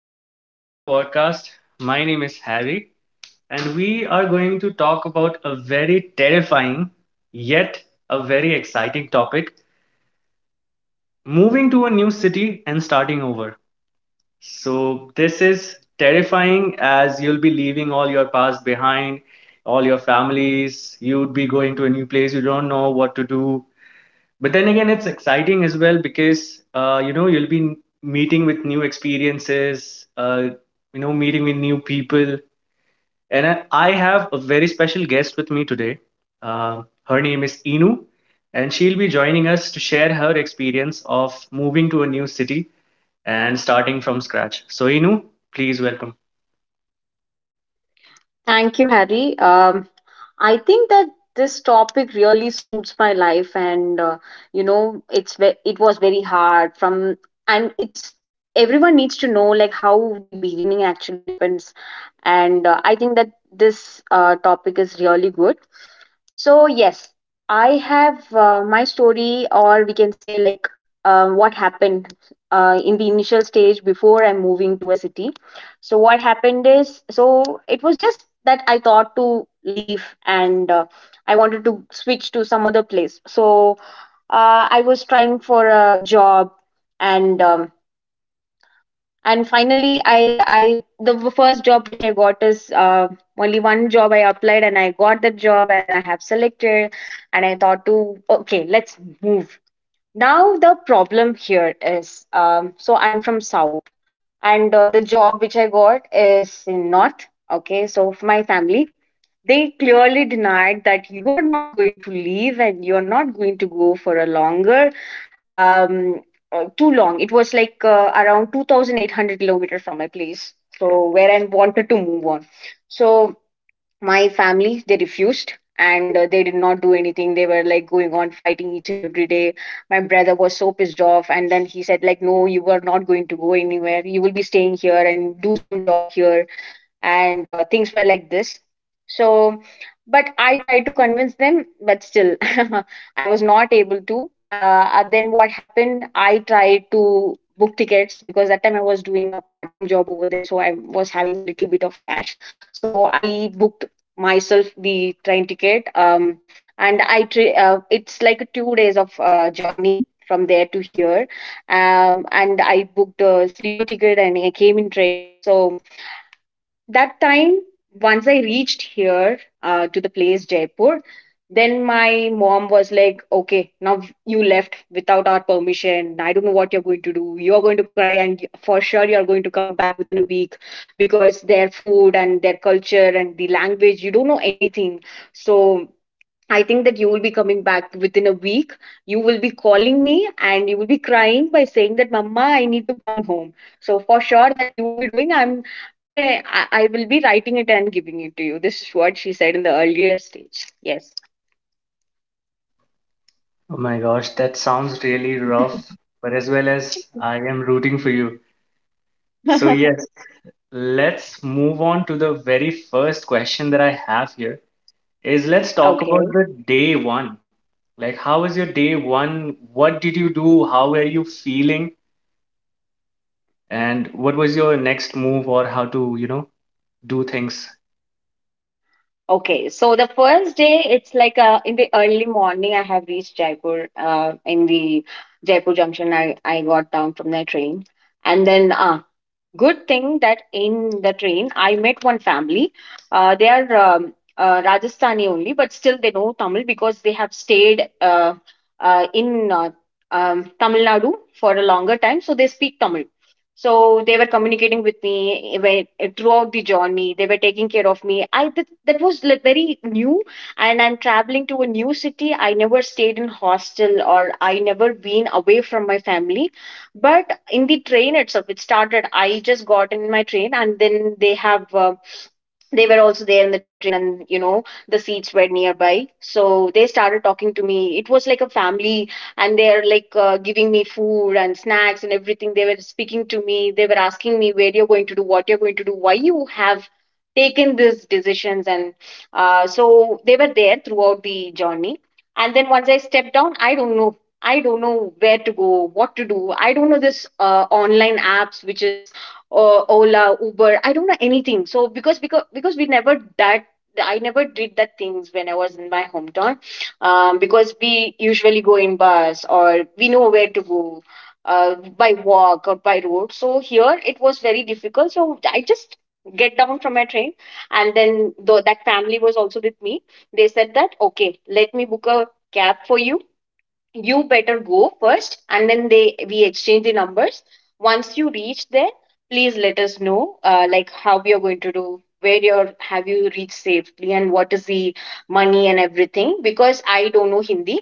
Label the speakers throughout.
Speaker 1: Welcome to the podcast. My name is Harry, and we are going to talk about a very terrifying yet a very exciting topic, moving to a new city and starting over. So, this is terrifying as you'll be leaving all your past behind, all your families, you'd be going to a new place, you don't know what to do, but then again, it's exciting as well because you'll be meeting with new experiences, meeting with new people. And I have a very special guest with me today. Her name is Inu, and she'll be joining us to share her experience of moving to a new city and starting from scratch. So, Inu, please welcome.
Speaker 2: Thank you, Harry. I think that this topic really suits my life, and it was very hard from, and it's everyone needs to know like how the beginning actually happens, and I think that this topic is really good. So yes, I have my story, or we can say like what happened in the initial stage before I'm moving to a city. So what happened is, so it was just that I thought to leave, and I wanted to switch to some other place. So I was trying for a job, and um, and finally I the first job which I got is only one job I applied, and I got that job, and I have selected, and I thought to, okay, let's move. Now the problem here is, so I'm from south, and the job which I got is in north. Okay, so for my family, they clearly denied that you are not going to leave and you're not going to go for a longer um, too long. It was like around 2,800 kilometers from my place. So where I wanted to move on. So my family, they refused, and they did not do anything. They were like going on fighting each and every day. My brother was so pissed off. And then he said like, no, you are not going to go anywhere. You will be staying here and do some job here, and things were like this. So but I tried to convince them, but still I was not able to. Then what happened, I tried to book tickets, because that time I was doing a part-time job over there, so I was having a little bit of cash. So I booked myself the train ticket. It's like 2 days of journey from there to here. And I booked a sleeper ticket, and I came in train. So that time, once I reached here to the place Jaipur, then my mom was like, okay, now you left without our permission, I don't know what you're going to do, you're going to cry, and for sure you're going to come back within a week, because their food and their culture and the language, you don't know anything. So I think that you will be coming back within a week. You will be calling me, and you will be crying by saying that, Mama, I need to come home. So for sure that you will be doing, I'm, may, I will be writing it and giving it to you. This is what she said in the earlier stage. Yes.
Speaker 1: Oh my gosh, that sounds really rough, but as well as I am rooting for you. So, yes, let's move on to the very first question that I have here is, let's talk about
Speaker 2: Okay.
Speaker 1: the day one. Like, how was your day one? What did you do? How were you feeling? And what was your next move or how to, you know, do things?
Speaker 2: Okay. So the first day, it's like in the early morning, I have reached Jaipur. In the Jaipur junction, I got down from the train. And then good thing that in the train, I met one family. They are Rajasthani only, but still they know Tamil, because they have stayed in Tamil Nadu for a longer time, so they speak Tamil. So they were communicating with me when, throughout the journey. They were taking care of me. That was like very new, and I'm traveling to a new city. I never stayed in hostel, or I never been away from my family, but in the train itself, it started. I just got in my train, and then they were also there in the train, and you know the seats were nearby, so they started talking to me. It was like a family, and they're like giving me food and snacks and everything. They were speaking to me, they were asking me, where you're going to do, what you're going to do, why you have taken these decisions. And so they were there throughout the journey. And then once I stepped down, I don't know where to go, what to do. I don't know this online apps which is Ola, Uber. I don't know anything. So because we never that I never did that things when I was in my hometown, because we usually go in bus, or we know where to go. By walk or by road. So here it was very difficult. So I just get down from my train, and then though that family was also with me, they said that, okay, let me book a cab for you. You better go first. And then they we exchange the numbers. Once you reach there, please let us know like how we are going to do, where you're, have you reached safely, and what is the money and everything, because I don't know Hindi.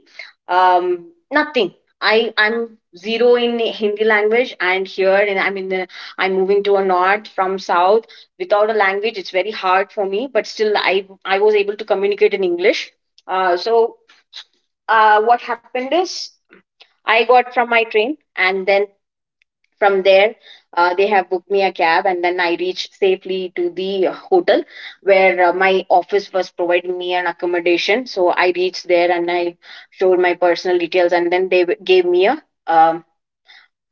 Speaker 2: Um nothing i i'm zero in Hindi language. And here, and I'm in the, I'm moving to a north from south without a language. It's very hard for me, but still I was able to communicate in English. So what happened is, I got from my train, and then from there, they have booked me a cab, and then I reached safely to the hotel where my office was providing me an accommodation. So I reached there, and I showed my personal details, and then gave me a um,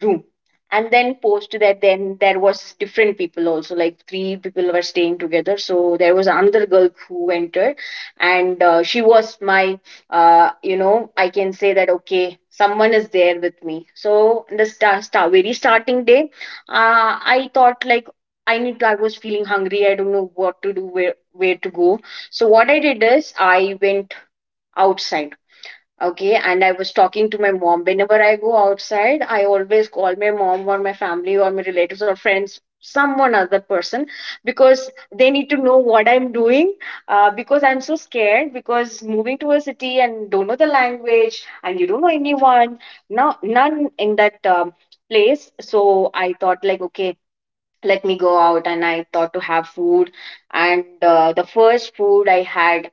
Speaker 2: room. And then post that, then there was different people also, like three people were staying together. So there was another girl who entered, and she was my I can say that, okay, someone is there with me. So in the start, start very starting day, uh, I thought like I need to, I was feeling hungry, I don't know what to do, where to go. So what I did is I went outside. Okay, and I was talking to my mom. Whenever I go outside, I always call my mom or my family or my relatives or friends, someone other person, because they need to know what I'm doing. Because I'm so scared, because moving to a city, and don't know the language, and you don't know anyone, no, none in that place. So I thought like, okay, let me go out, and I thought to have food. And the first food I had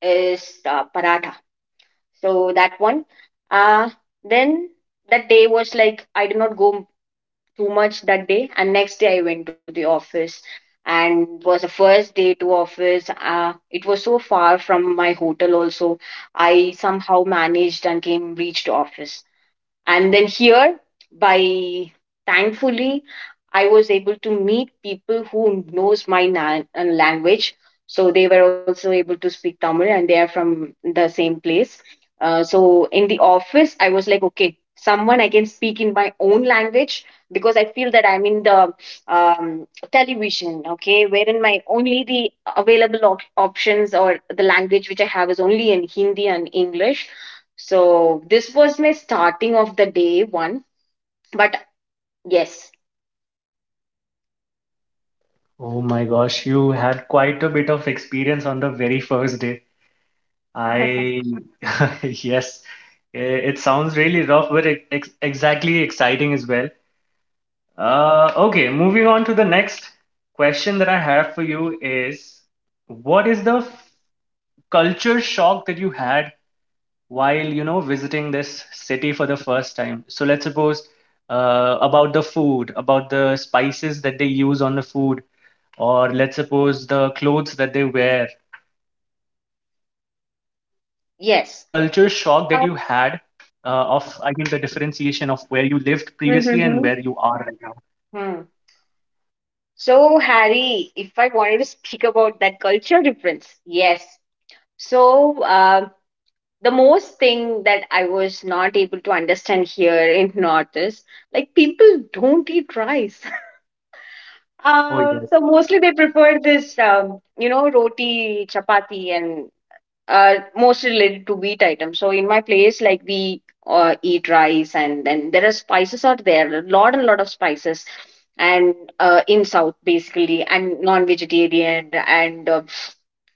Speaker 2: is paratha. So that one. Uh then That day was like I did not go too much that day. And next day I went to the office, and was the first day to office. It was so far from my hotel also. I somehow managed and came reached office. And then here, by thankfully, I was able to meet people who knows my language. So they were also able to speak Tamil, and they are from the same place. So in the office, I was like, okay, someone I can speak in my own language, because I feel that I'm in the television. Okay, wherein my only the available options or the language which I have is only in Hindi and English. So this was my starting of the day one. But yes,
Speaker 1: Oh my gosh, you had quite a bit of experience on the very first day. I, yes, it sounds really rough, but it, ex exactly exciting as well. Okay, moving on to the next question that I have for you is, what is the culture shock that you had while, you know, visiting this city for the first time? So let's suppose about the food, about the spices that they use on the food, or let's suppose the clothes that they wear. What was the culture shock that you
Speaker 2: yes.
Speaker 1: had
Speaker 2: Uh,
Speaker 1: uh, of, I mean, the differentiation of where you lived previously and where you are
Speaker 2: mhm.
Speaker 1: right now?
Speaker 2: Hmm. So Harry, if I wanted to speak about that culture difference, yes. So the most thing that I was not able to understand here in North is like people don't eat rice.
Speaker 1: Oh, yeah.
Speaker 2: So mostly they prefer this, roti, chapati, and mostly related to wheat items. So in my place, like we eat rice, and then there are spices out there, a lot and lot of spices, and in South basically, and non-vegetarian, and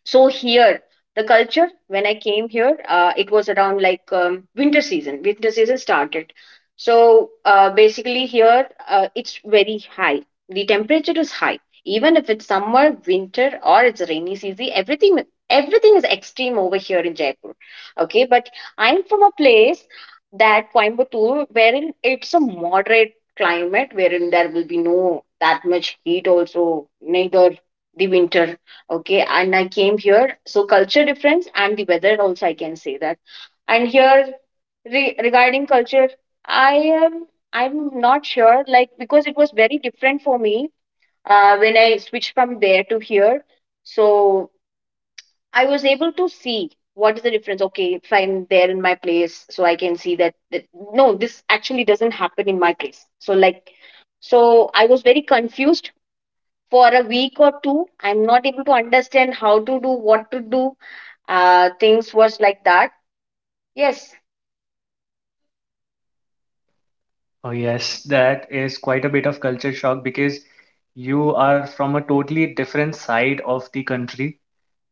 Speaker 2: so here the culture when I came here, it was around like winter season. Winter season started. So basically here it's very high. The temperature is high, even if it's summer, winter, or it's rainy season. Everything is extreme over here in Jaipur. Okay, but I'm from a place, that Coimbatore, wherein it's a moderate climate, wherein there will be no that much heat also, neither the winter. Okay, and I came here. So culture difference and the weather also I can say that. And here, regarding culture, i am I'm not sure like, because it was very different for me when I switched from there to here. So I was able to see what is the difference. Okay, if I'm there in my place, so I can see that, that no, this actually doesn't happen in my place. So like, so I was very confused for a week or two. I'm not able to understand how to do, what to do. Things was like that. Yes.
Speaker 1: Oh, yes, that is quite a bit of culture shock because you are from a totally different side of the country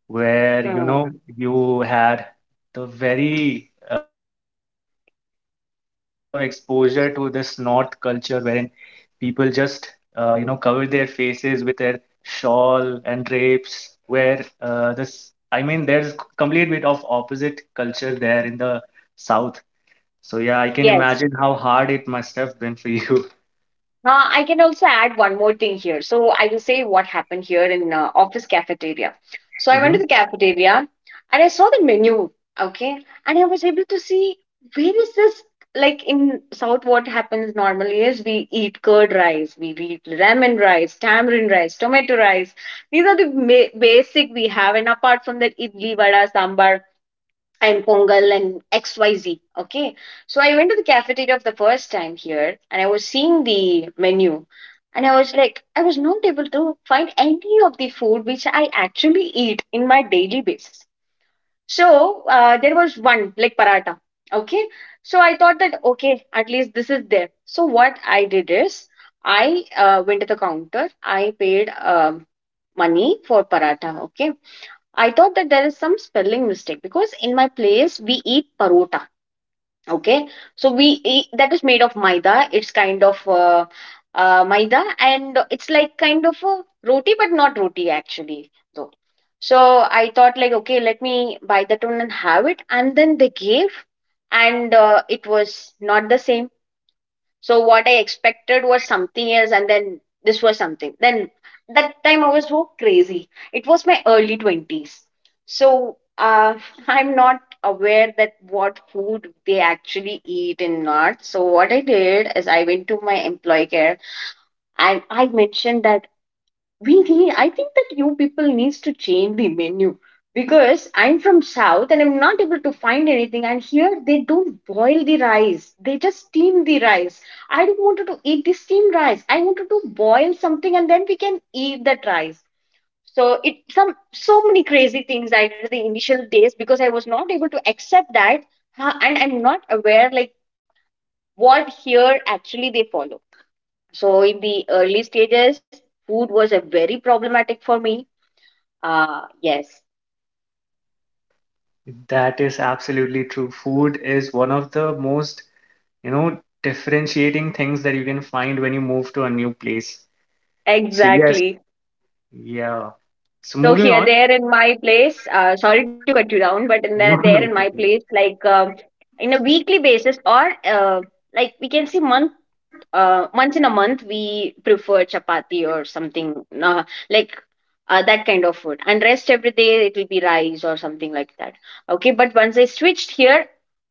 Speaker 1: where, you
Speaker 2: Hmm.
Speaker 1: know, you had the very least bit of exposure to this north culture wherein people just, you know, cover their faces with their shawl and drapes, where this, I mean, there's complete bit of opposite culture there in the south. So yeah, I can
Speaker 2: Yes.
Speaker 1: imagine how hard it must have been for you.
Speaker 2: I can also add one more thing here. So I will say what happened here in office cafeteria. So I went to
Speaker 1: Mhm.
Speaker 2: the cafeteria and I saw the menu, okay, and I was able to see where is this, like in South what happens normally is we eat curd rice, we eat lemon rice, tamarind rice, tomato rice. These are the basic we have, and apart from that idli, vada, sambar, and Pongal and XYZ. Okay. So I went to the cafeteria for the first time here and I was seeing the menu, and I was like, I was not able to find any of the food which I actually eat in my daily basis. So there was one like paratha. Okay. So I thought that okay, at least this is there. So what I did is I went to the counter, I paid money for paratha. Okay, I thought that there is some spelling mistake because in my place we eat parota. Okay, so we eat that is made of maida. It's kind of maida, and it's like kind of a roti, but not roti actually, though. So I thought like, okay, let me buy that one and have it. And then they gave, and it was not the same. So what I expected was something else, and then this was something. Then that time I was so crazy. It was my early 20s. So I'm not aware that what food they actually eat and not. So what I did is I went to my employee care and I mentioned that we need, I think that you people needs to change the menu because I'm from South and I'm not able to find anything. And here they don't boil the rice; they just steam the rice. I don't wanted to eat the steamed rice. I wanted to boil something and then we can eat that rice. So it, some so many crazy things I did the initial days because I was not able to accept that, huh, and I'm not aware like what here actually they follow. So in the early stages, food was a very problematic for me. Ah, yes,
Speaker 1: That is absolutely true. Food is one of the most, you know, differentiating things that you can find when you move to a new place. So yes,
Speaker 2: exactly.
Speaker 1: yeah. So
Speaker 2: So
Speaker 1: moving
Speaker 2: here,
Speaker 1: on.
Speaker 2: there in my place, sorry to cut you down, but in the,
Speaker 1: No,
Speaker 2: there in
Speaker 1: no
Speaker 2: my
Speaker 1: problem.
Speaker 2: place, like in a weekly basis, or like we can say month, once in a month we prefer chapati or something, uh, like that kind of food, and rest every day it will be rice or something like that. Okay, but once I switched here,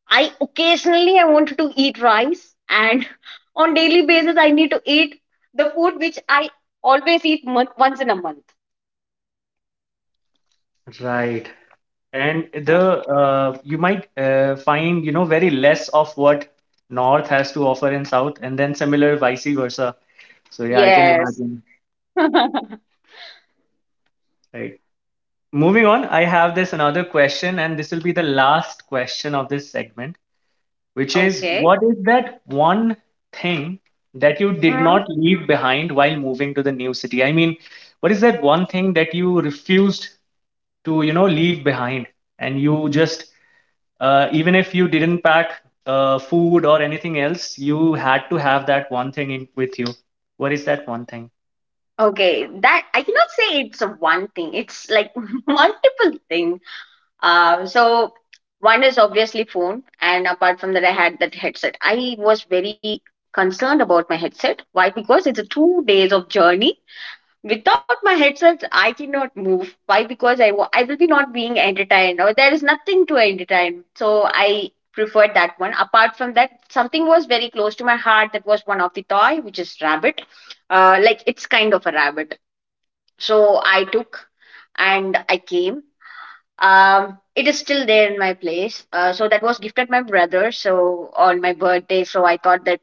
Speaker 2: I occasionally I wanted to eat rice, and on daily basis I need to eat the food which I always eat month, once in a month.
Speaker 1: Right. And
Speaker 2: Hmm.
Speaker 1: the you might find, you know, very less of what North has to offer in South, and then similar vice versa. So yeah, I can
Speaker 2: Yes.
Speaker 1: imagine. Right. Moving on, I have this another question, and this will be the last question of this segment, which is,
Speaker 2: Okay.
Speaker 1: what is that one thing that you did
Speaker 2: Hmm.
Speaker 1: not leave behind while moving to the new city? I mean, what is that one thing that you refused to, you know, leave behind? And you just, even if you didn't pack food or anything else, you had to have that one thing in, with you. What is that one thing?
Speaker 2: Okay, that I cannot say it's a one thing. It's like multiple thing. So one is obviously phone, and apart from that, I had that headset. I was very concerned about my headset. Why? Because it's a 2 days of journey. Without my headset, I cannot move. Why? Because I will be not being entertained, or there is nothing to entertain. So I preferred that one. Apart from that, something was very close to my heart. That was one of the toy, which is rabbit. Like it's kind of a rabbit. So I took and I came. It is still there in my place. So that was gifted my brother. So on my birthday, so I thought that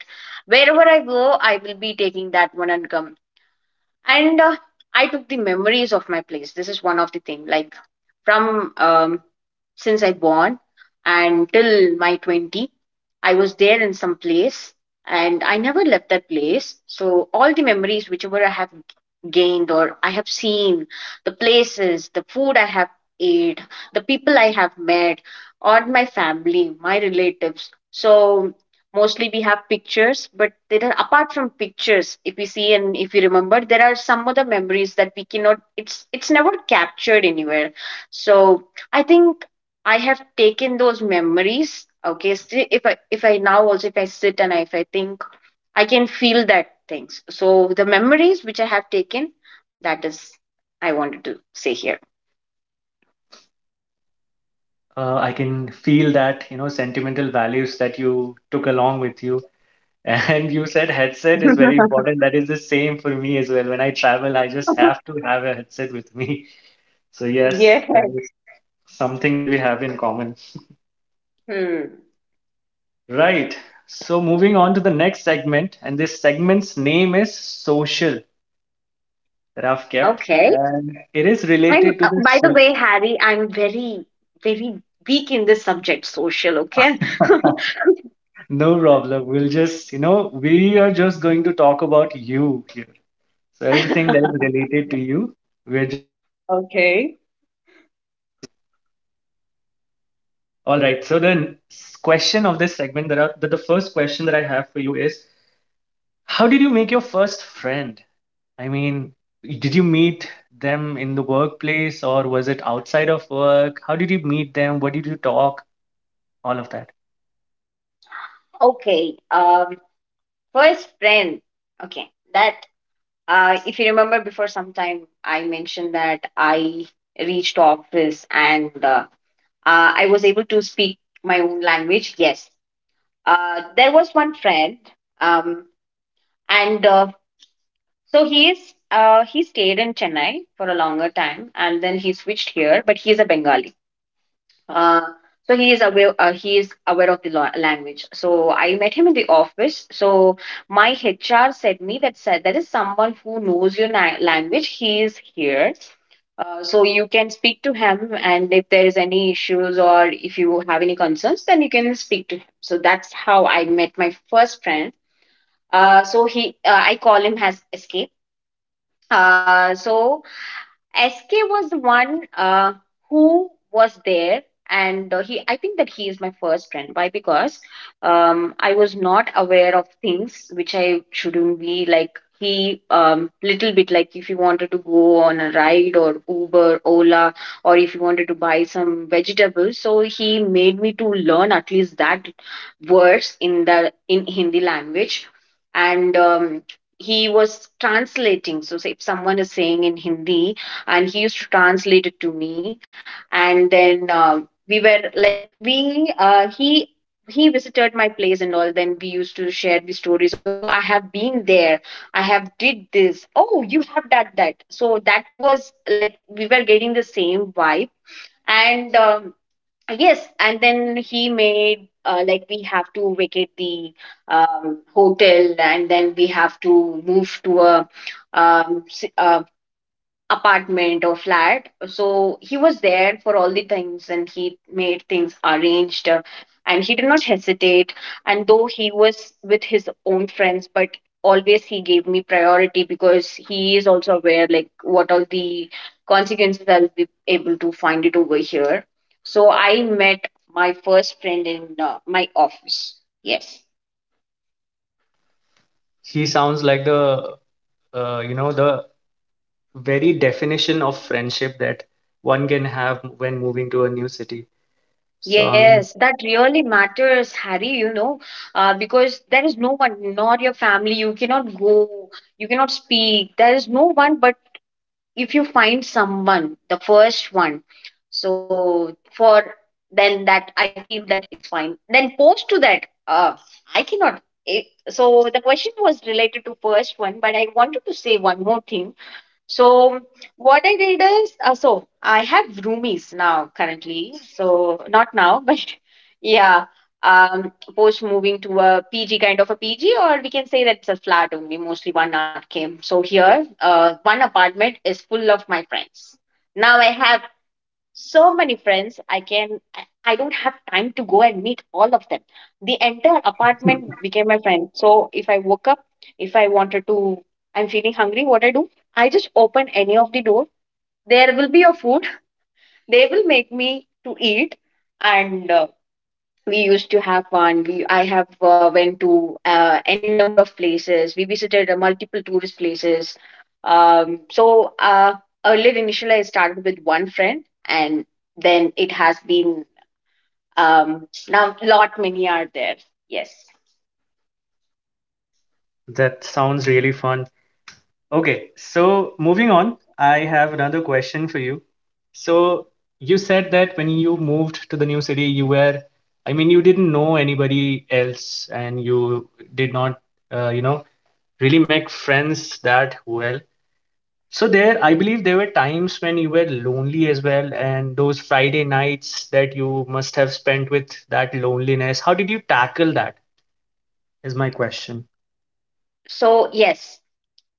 Speaker 2: wherever I go, I will be taking that one and come. And I took the memories of my place. This is one of the thing. Like from since I born and till my 20. I was there in some place, and I never left that place. So all the memories whichever I have gained or I have seen, the places, the food I have ate, the people I have met, or my family, my relatives. So mostly we have pictures, but there are, apart from pictures, if we see and if we remember, there are some other memories that we cannot, it's never captured anywhere. So I think I have taken those memories. Okay, see, if I now also if I sit and I, if I think, I can feel that things. So the memories which I have taken, that is, I wanted to say here.
Speaker 1: I can feel that, you know, sentimental values that you took along with you. And you said headset is very important. That is the same for me as well. When I travel, I just have to have a headset with me. So, yes,
Speaker 2: Yeah.
Speaker 1: that is something that we have in common.
Speaker 2: Hmm.
Speaker 1: Right. So, moving on to the next segment, and this segment's name is social that I've kept.
Speaker 2: Okay.
Speaker 1: And it is
Speaker 2: I'm
Speaker 1: related to the
Speaker 2: by the
Speaker 1: so,
Speaker 2: way, Harry, I'm very very weak in this subject, social. Okay.
Speaker 1: no problem. We'll just, you know, we are just going to talk about you here. So, everything that is related to you, we're just going to explore.
Speaker 2: Okay.
Speaker 1: All right. So the question of this segment, that are the first question that I have for you is, how did you make your first friend? I mean, did you meet them in the workplace or was it outside of work? How did you meet them? What did you talk? All of that.
Speaker 2: Okay. First friend. Okay. That. If you remember before some time, I mentioned that I reached office, and I was able to speak my own language. Yes, there was one friend, um, and so he is. He stayed in Chennai for a longer time, and then he switched here. But he is a Bengali. Uh, so he is aware. He is aware of the language. So I met him in the office. So my HR said me, that said that is someone who knows your language. He is here. So you can speak to him, and if there is any issues or if you have any concerns, then you can speak to him. So that's how I met my first friend. So he, I call him as Escape. So SK was the one who was there, and he. I think that he is my first friend. Why? Because I was not aware of things which I shouldn't be. Like little bit like if you wanted to go on a ride or Uber, Ola, or if you wanted to buy some vegetables, so he made me to learn at least that words in the in Hindi language, and he was translating. So say if someone is saying in Hindi, and he used to translate it to me, and then we were like we he visited my place and all. Then we used to share the stories: oh, I have been there, I have did this, oh you have done that. So that was like we were getting the same vibe, and yes. And then he made, like we have to vacate the hotel, and then we have to move to a um, si, um, apartment or flat. So he was there for all the things, and he made things arranged, and he did not hesitate. And though he was with his own friends, but always he gave me priority because he is also aware like what all the consequences I'll be able to find it over here. So I met my first friend in my office. Yes.
Speaker 1: He sounds like the, you know, the very definition of friendship that one can have when moving to a new city. So
Speaker 2: Yes, that really matters, Harry, you know, because there is no one, not your family. You cannot go, you cannot speak. There is no one, but if you find someone, the first one, so for then that I feel that it's fine. Then post to that, I cannot. It, so the question was related to first one, but I wanted to say one more thing. So what I did is, so I have roomies now currently. So not now, but yeah. Post moving to a PG, kind of a PG, or we can say that it's a flat only, mostly one RK. So here, one apartment is full of my friends. Now I have so many friends, I can I don't have time to go and meet all of them. The entire apartment became my friend. So if I woke up, if I wanted to, I'm feeling hungry, what I do, I just open any of the door, there will be a food, they will make me to eat. And we used to have fun. We i have went to n number of places. We visited multiple tourist places. um, so uh, Earlier, initially I started with one friend, and then it has been, um, now lot many are there. Yes.
Speaker 1: that sounds really fun. Okay, so moving on, I have another question for you. So you said that when you moved to the new city, you were, I mean, you didn't know anybody else and you did not, you know, really make friends that well. So there, I believe there were times when you were lonely as well, and those Friday nights that you must have spent with that loneliness. How did you tackle that? Is my question.
Speaker 2: So yes,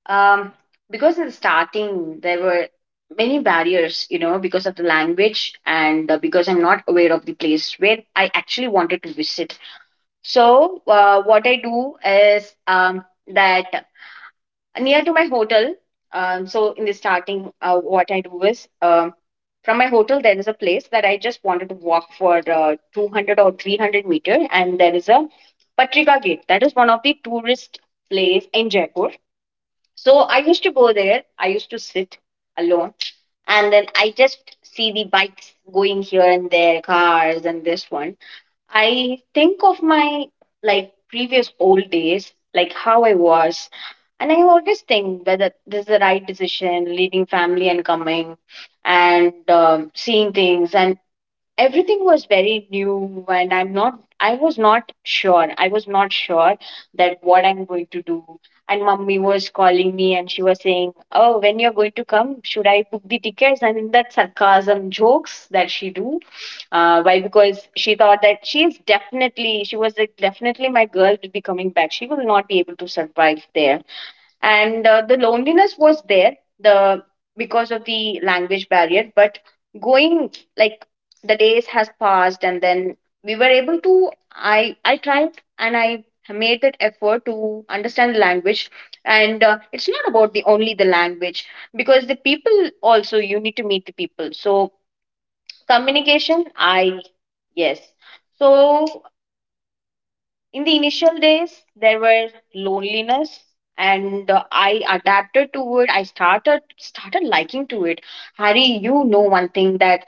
Speaker 2: um, because in the starting there were many barriers, you know, because of the language, and because I'm not aware of the place where I actually wanted to visit. So what I do is, that near to my hotel. So in the starting, what I do is, from my hotel there is a place that I just wanted to walk for 200 or 300 meter, and there is a Patrika Gate. That is one of the tourist place in Jaipur. So I used to go there. I used to sit alone, and then I just see the bikes going here and there, cars and this one. I think of my previous old days, like how I was, and I always think whether this is the right decision, leaving family and coming, and seeing things and everything was very new, and I'm not I was not sure I was not sure that what I'm going to do. And mummy was calling me and she was saying, oh, when you're going to come, should I book the tickets? And in that sarcasm jokes that she do, why, because she thought that she was like, definitely my girl will be coming back, she will not be able to survive there. And the loneliness was there, the because of the language barrier. But going like the days has passed, and then we were able to, I tried and I made that effort to understand the language. And it's not about the only the language, because the people also, you need to meet the people. So communication, I, yes. So in the initial days, there were loneliness, and I adapted to it. I started liking to it. Harry, you know one thing, that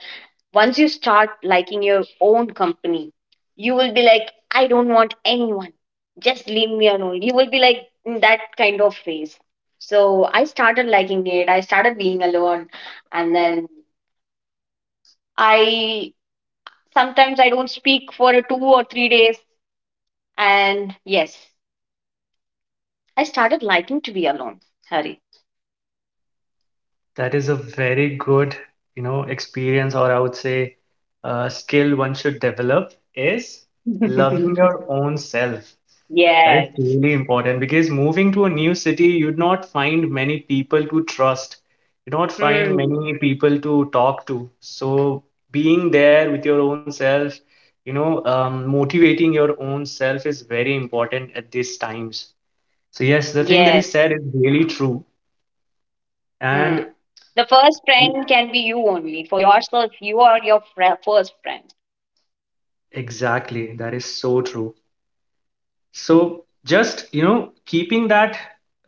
Speaker 2: once you start liking your own company, you will be like, I don't want anyone. Just leave me alone. You will be like in that kind of phase. So I started liking it. I started being alone. And then I sometimes I don't speak for 2 or 3 days. And yes, I started liking to be alone, Hari.
Speaker 1: That is a very good, you know, experience, or I would say skill one should develop is loving your own self. That is
Speaker 2: Yes.
Speaker 1: really important because moving to a new city, you'd not find many people to trust. You'd not find
Speaker 2: Hmm.
Speaker 1: many people to talk to. So being there with your own self, you know, motivating your own self is very important at these times. So yes, the thing that he
Speaker 2: Yes.
Speaker 1: said is really true.
Speaker 2: Hmm.
Speaker 1: And
Speaker 2: The first friend can be you only. For yourself, you are your fri first friend.
Speaker 1: exactly, that is so true. So, just you know, keeping that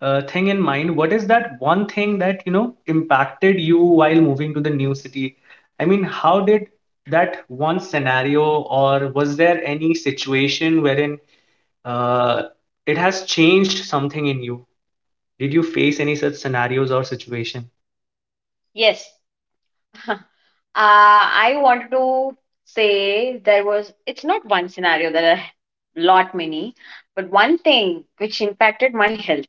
Speaker 1: thing in mind, what is that one thing that you know impacted you while moving to the new city? I mean, how did that one scenario, or was there any situation wherein uh, it has changed something in you? Did you face any such scenarios or situation?
Speaker 2: Yes. I wanted to say there was, it's not one scenario, there are lot many, but one thing which impacted my health.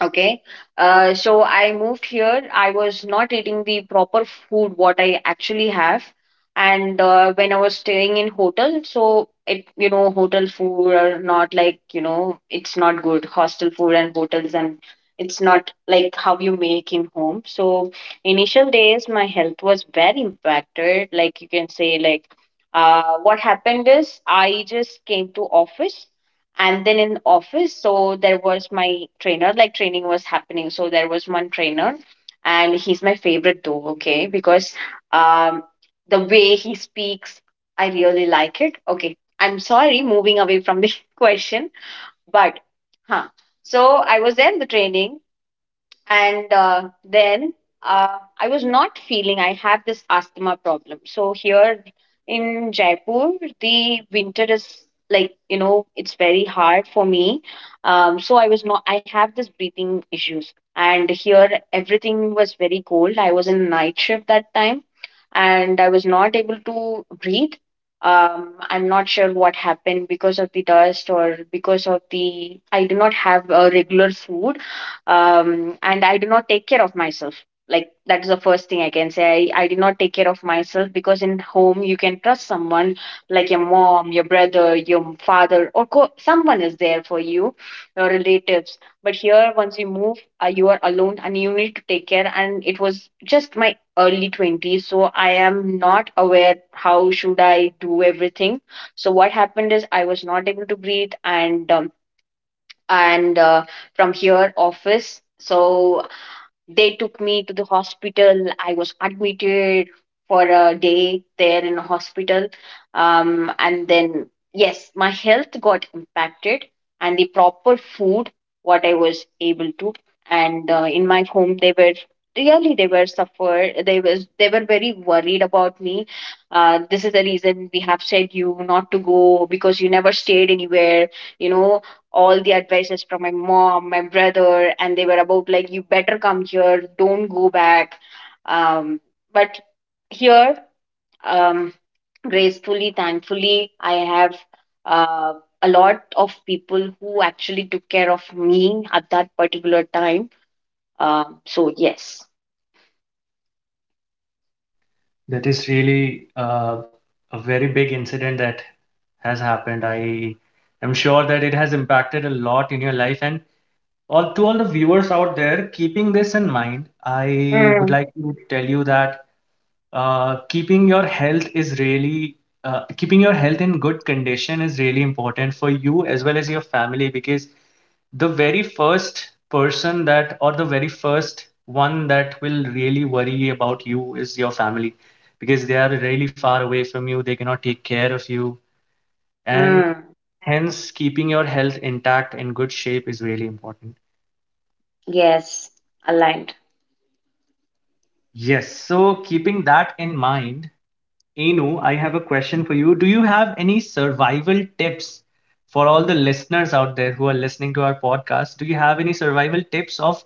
Speaker 2: Okay. So I moved here. I was not eating the proper food what I actually have. And when I was staying in hotel, so it, you know, hotel food are not like, you know, it's not good. Hostel food and hotels and it's not like how you make in home. So initial days, my health was very impacted. Like you can say, like, what happened is I just came to office, and then in office, so there was my trainer, like training was happening, so there was one trainer, and he's my favorite though, okay, because um the way he speaks, I really like it. Okay, I'm sorry, moving away from the question, but huh, so I was there in the training, and then I was not feeling, I have this asthma problem. So here in Jaipur, the winter is, like, you know, it's very hard for me. So I was not I have this breathing issues, and here everything was very cold. I was in night shift that time, and I was not able to breathe. I'm not sure what happened, because of the dust or because of the, I do not have a regular food, and I do not take care of myself. Like, that is the first thing I can say. I did not take care of myself, because in home you can trust someone, like your mom, your brother, your father, or someone is there for you, your relatives. But here, once you move, you are alone and you need to take care. And it was just my early 20s, so I am not aware how should I do everything. So what happened is I was not able to breathe, and and uh, from here office, so they took me to the hospital. I was admitted for a day there in the hospital. And then, yes, my health got impacted, and the proper food, what I was able to. And in my home, they were really, they were suffered. They was they were very worried about me. This is the reason we have said you not to go, because you never stayed anywhere, you know. All the advices from my mom, my brother, and they were about like, you better come here, don't go back. Um, but here, um, gracefully, thankfully, I have uh, a lot of people who actually took care of me at that particular time. So, yes.
Speaker 1: That is really a very big incident that has happened. I am sure that it has impacted a lot in your life. And all to all the viewers out there, keeping this in mind, I would
Speaker 2: Mm,
Speaker 1: like to tell you that keeping your health is really keeping your health in good condition is really important for you as well as your family, because the very first person that, or the very first one that will really worry about you is your family, because they are really far away from you, they cannot take care of you. And
Speaker 2: mm,
Speaker 1: hence, keeping your health intact in good shape is really important.
Speaker 2: yes, aligned.
Speaker 1: Yes, so keeping that in mind, Anu, I have a question for you. Do you have any survival tips for all the listeners out there who are listening to our podcast? Do you have any survival tips of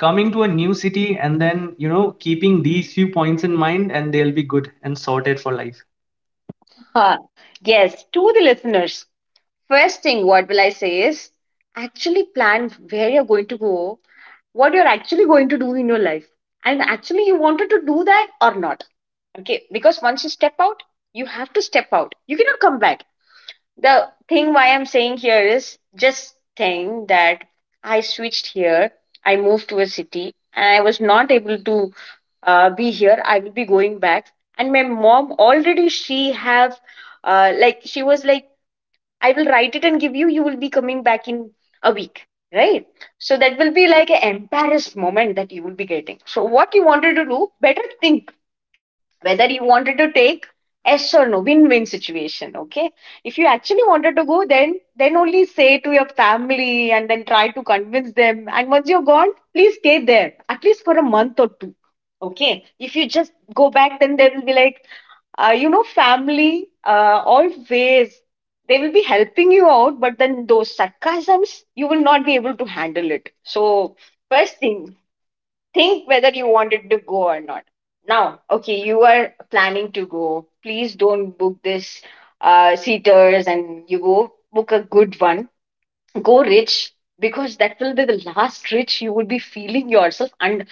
Speaker 1: coming to a new city and then, you know, keeping these few points in mind and they'll be good and sorted for life?
Speaker 2: Huh. Yes, to the listeners, first thing what will I say is, actually plan where you're going to go, what you're actually going to do in your life, and actually you wanted to do that or not. Okay, because once you step out, you have to step out, you cannot come back. The thing why I'm saying here is just saying that I switched here, I moved to a city and I was not able to, be here, I will be going back. And my mom already, she was like, I will write it and give you. You will be coming back in a week, right? So that will be like an embarrassed moment that you will be getting. So what you wanted to do, better think whether you wanted to take yes or no, win-win situation. Okay, if you actually wanted to go, then only say to your family and then try to convince them. And once you're gone, please stay there at least for a month or two. Okay, if you just go back, then they will be like, you know, family always they will be helping you out, but then those sarcasms you will not be able to handle it. So first thing, think whether you wanted to go or not. Now, okay, you are planning to go. Please don't book this seaters, and you go book a good one. Go rich, because that will be the last rich you will be feeling yourself, and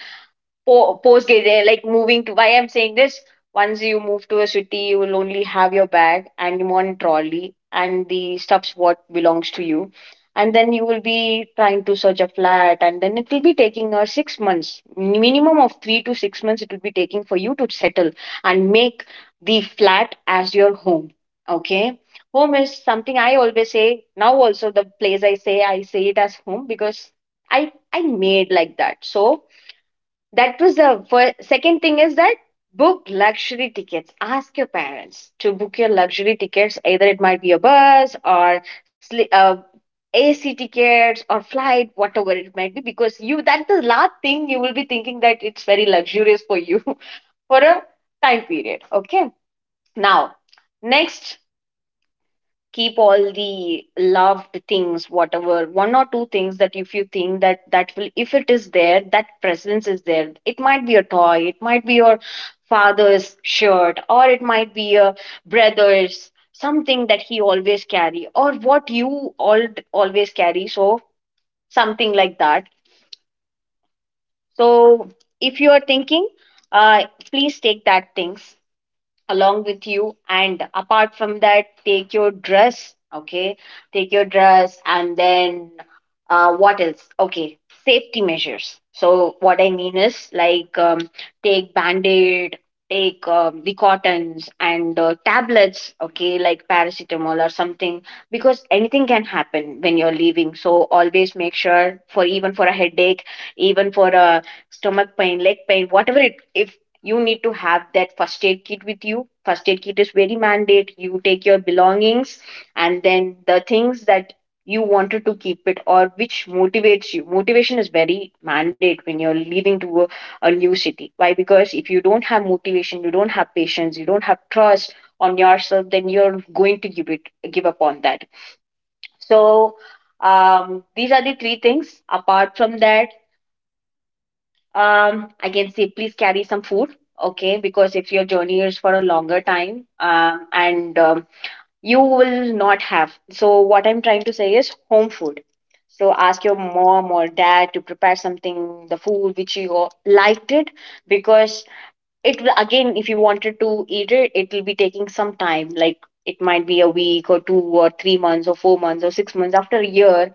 Speaker 2: po- post grad- like moving to why I'm saying this, once you move to a city, you will only have your bag and one trolley and the stuffs what belongs to you. And then you will be trying to search a flat, and then it will be taking six months minimum of 3 to 6 months, it will be taking for you to settle and make the flat as your home. Okay, home is something I always say, now also the place I say it as home, because I made like that. So that was the first. Second thing is that, book luxury tickets. Ask your parents to book your luxury tickets. Either it might be a bus or AC tickets or flight, whatever it might be, because you, that's the last thing you will be thinking, that it's very luxurious for you for a time period. Okay. Now, next, keep all the loved things, whatever one or two things that if you think that will, if it is there, that presence is there, it might be a toy, it might be your father's shirt, or it might be a brother's something that he always carry, or what you all always carry, so something like that. So if you are thinking, uh please take that things along with you. And apart from that, take your dress. Okay, take your dress, and then what else. Okay, safety measures. So what I mean is like, take band-aid, take the cottons and tablets, okay, like paracetamol or something, because anything can happen when you're leaving, so always make sure, for even for a headache, even for a stomach pain, leg pain, whatever it, if you need to have that first aid kit with you. First aid kit is very mandate. You take your belongings, and then the things that you wanted to keep it, or which motivates you. Motivation is very mandate when you're leaving to a new city. Why? Because if you don't have motivation, you don't have patience, you don't have trust on yourself, then you're going to give up on that. So these are the three things. Apart from that, I can say, please carry some food, okay? Because if your journey is for a longer time, and you will not have. So what I'm trying to say is home food. So ask your mom or dad to prepare something, the food which you liked it, because it will again, if you wanted to eat it, it will be taking some time. Like, it might be a week or 2 or 3 months or 4 months, or 6 months, after a year.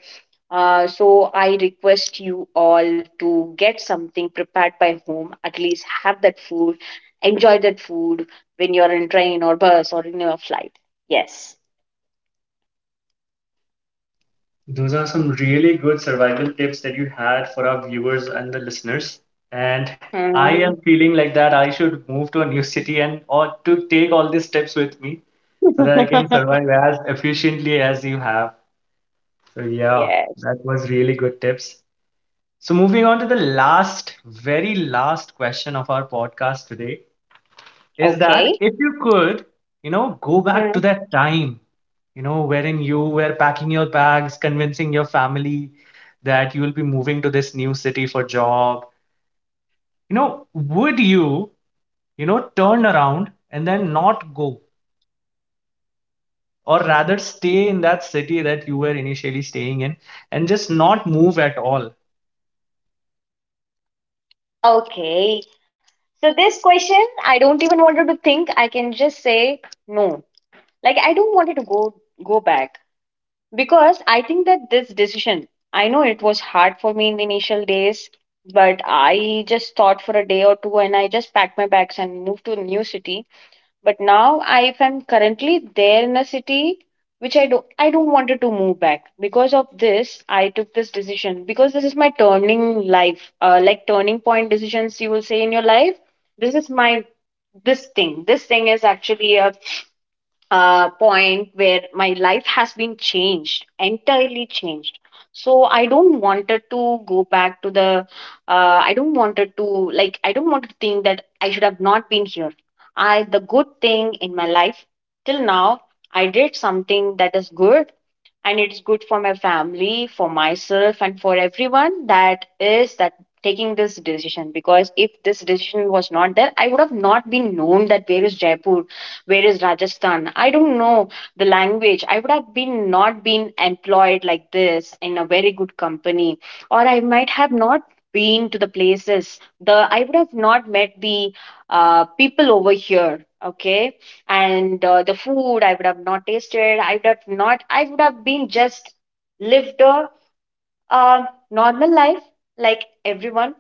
Speaker 2: So I request you all to get something prepared by home, at least have that food, enjoy that food when you're in train or bus or in your flight. Yes.
Speaker 1: Those are some really good survival tips that you had for our viewers and the listeners. And I
Speaker 2: Hmm.
Speaker 1: am feeling like that I should move to a new city and or to take all these tips with me so that I can survive as efficiently as you have. So yeah,
Speaker 2: Yes.
Speaker 1: that was really good tips. So moving on to the last, very last question of our podcast today is that
Speaker 2: Okay.
Speaker 1: if you could, you know, go back to
Speaker 2: Hmm.
Speaker 1: that time, you know, wherein you were packing your bags, convincing your family that you will be moving to this new city for job, you know, would you, you know, turn around and then not go? Or rather, stay in that city that you were initially staying in and just not move at all.
Speaker 2: Okay. So this question, I don't even wanted to think. I can just say no. Like, I don't want it to go back. Because I think that this decision, I know it was hard for me in the initial days, but I just thought for a day or two, and I just packed my bags and moved to a new city. But now, I if I'm currently there in a city which I don't wanted to move back. Because of this, I took this decision. Because this is my turning life, like turning point decisions, you will say in your life. This is my this thing is actually a point where my life has been changed, entirely changed. So I don't wanted to go back to the. I don't wanted to like. I don't want to think that I should have not been here. I, the good thing in my life till now, I did something that is good, and it's good for my family, for myself, and for everyone, that is that taking this decision. Because if this decision was not there, I would have not been known that where is Jaipur, where is Rajasthan, I don't know the language, I would have been not been employed like this in a very good company, or I might have not been to the places, the I would have not met the people over here. Okay. And the food I would have not tasted. I would have not. I would have been just lived a uh, normal life like everyone,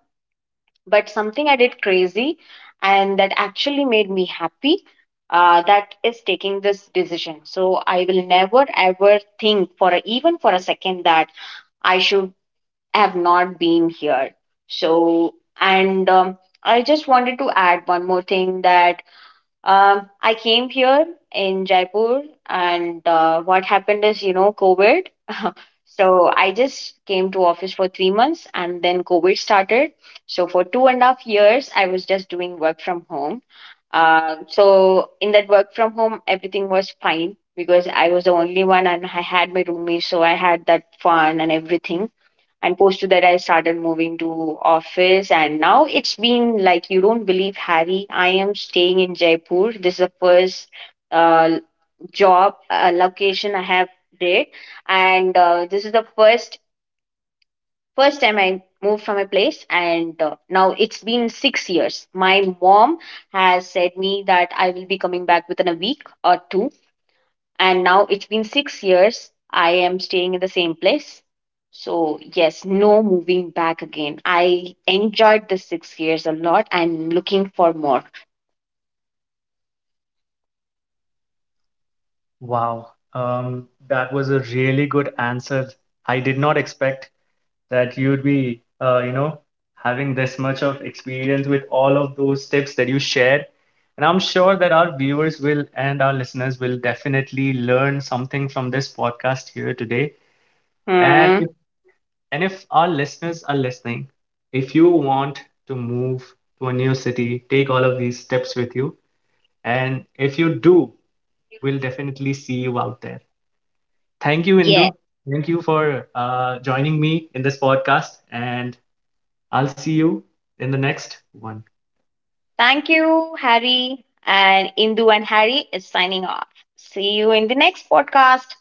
Speaker 2: but something I did crazy, and that actually made me happy. That is taking this decision. So I will never ever think for a, even for a second, that I should have not been here. So and I just wanted to add one more thing, that I came here in Jaipur, and what happened is, you know, COVID. So I just came to office for 3 months, and then COVID started. So for two and a half years, I was just doing work from home. So in that work from home, everything was fine, because I was the only one, and I had my roommates, so I had that fun and everything. And post to that, I started moving to office, and now it's been like, you don't believe, Harry, I am staying in Jaipur. This is the first uh, job location I have did. And this is the first time I moved from a place. And now it's been 6 years. My mom has said me that I will be coming back within a week or two, and now it's been 6 years I am staying in the same place. So yes, no moving back again. I enjoyed the 6 years a lot and looking for more.
Speaker 1: Wow, that was a really good answer. I did not expect that you'd be, you know, having this much of experience with all of those tips that you shared. And I'm sure that our viewers will and our listeners will definitely learn something from this podcast here today. And
Speaker 2: Hmm.
Speaker 1: if, and if our listeners are listening, if you want to move to a new city, take all of these steps with you. And if you do, we'll definitely see you out there. Thank you,
Speaker 2: Yes.
Speaker 1: Indu. Thank you for joining me in this podcast. And I'll see you in the next one.
Speaker 2: Thank you, Harry, and Indu and Harry is signing off. See you in the next podcast.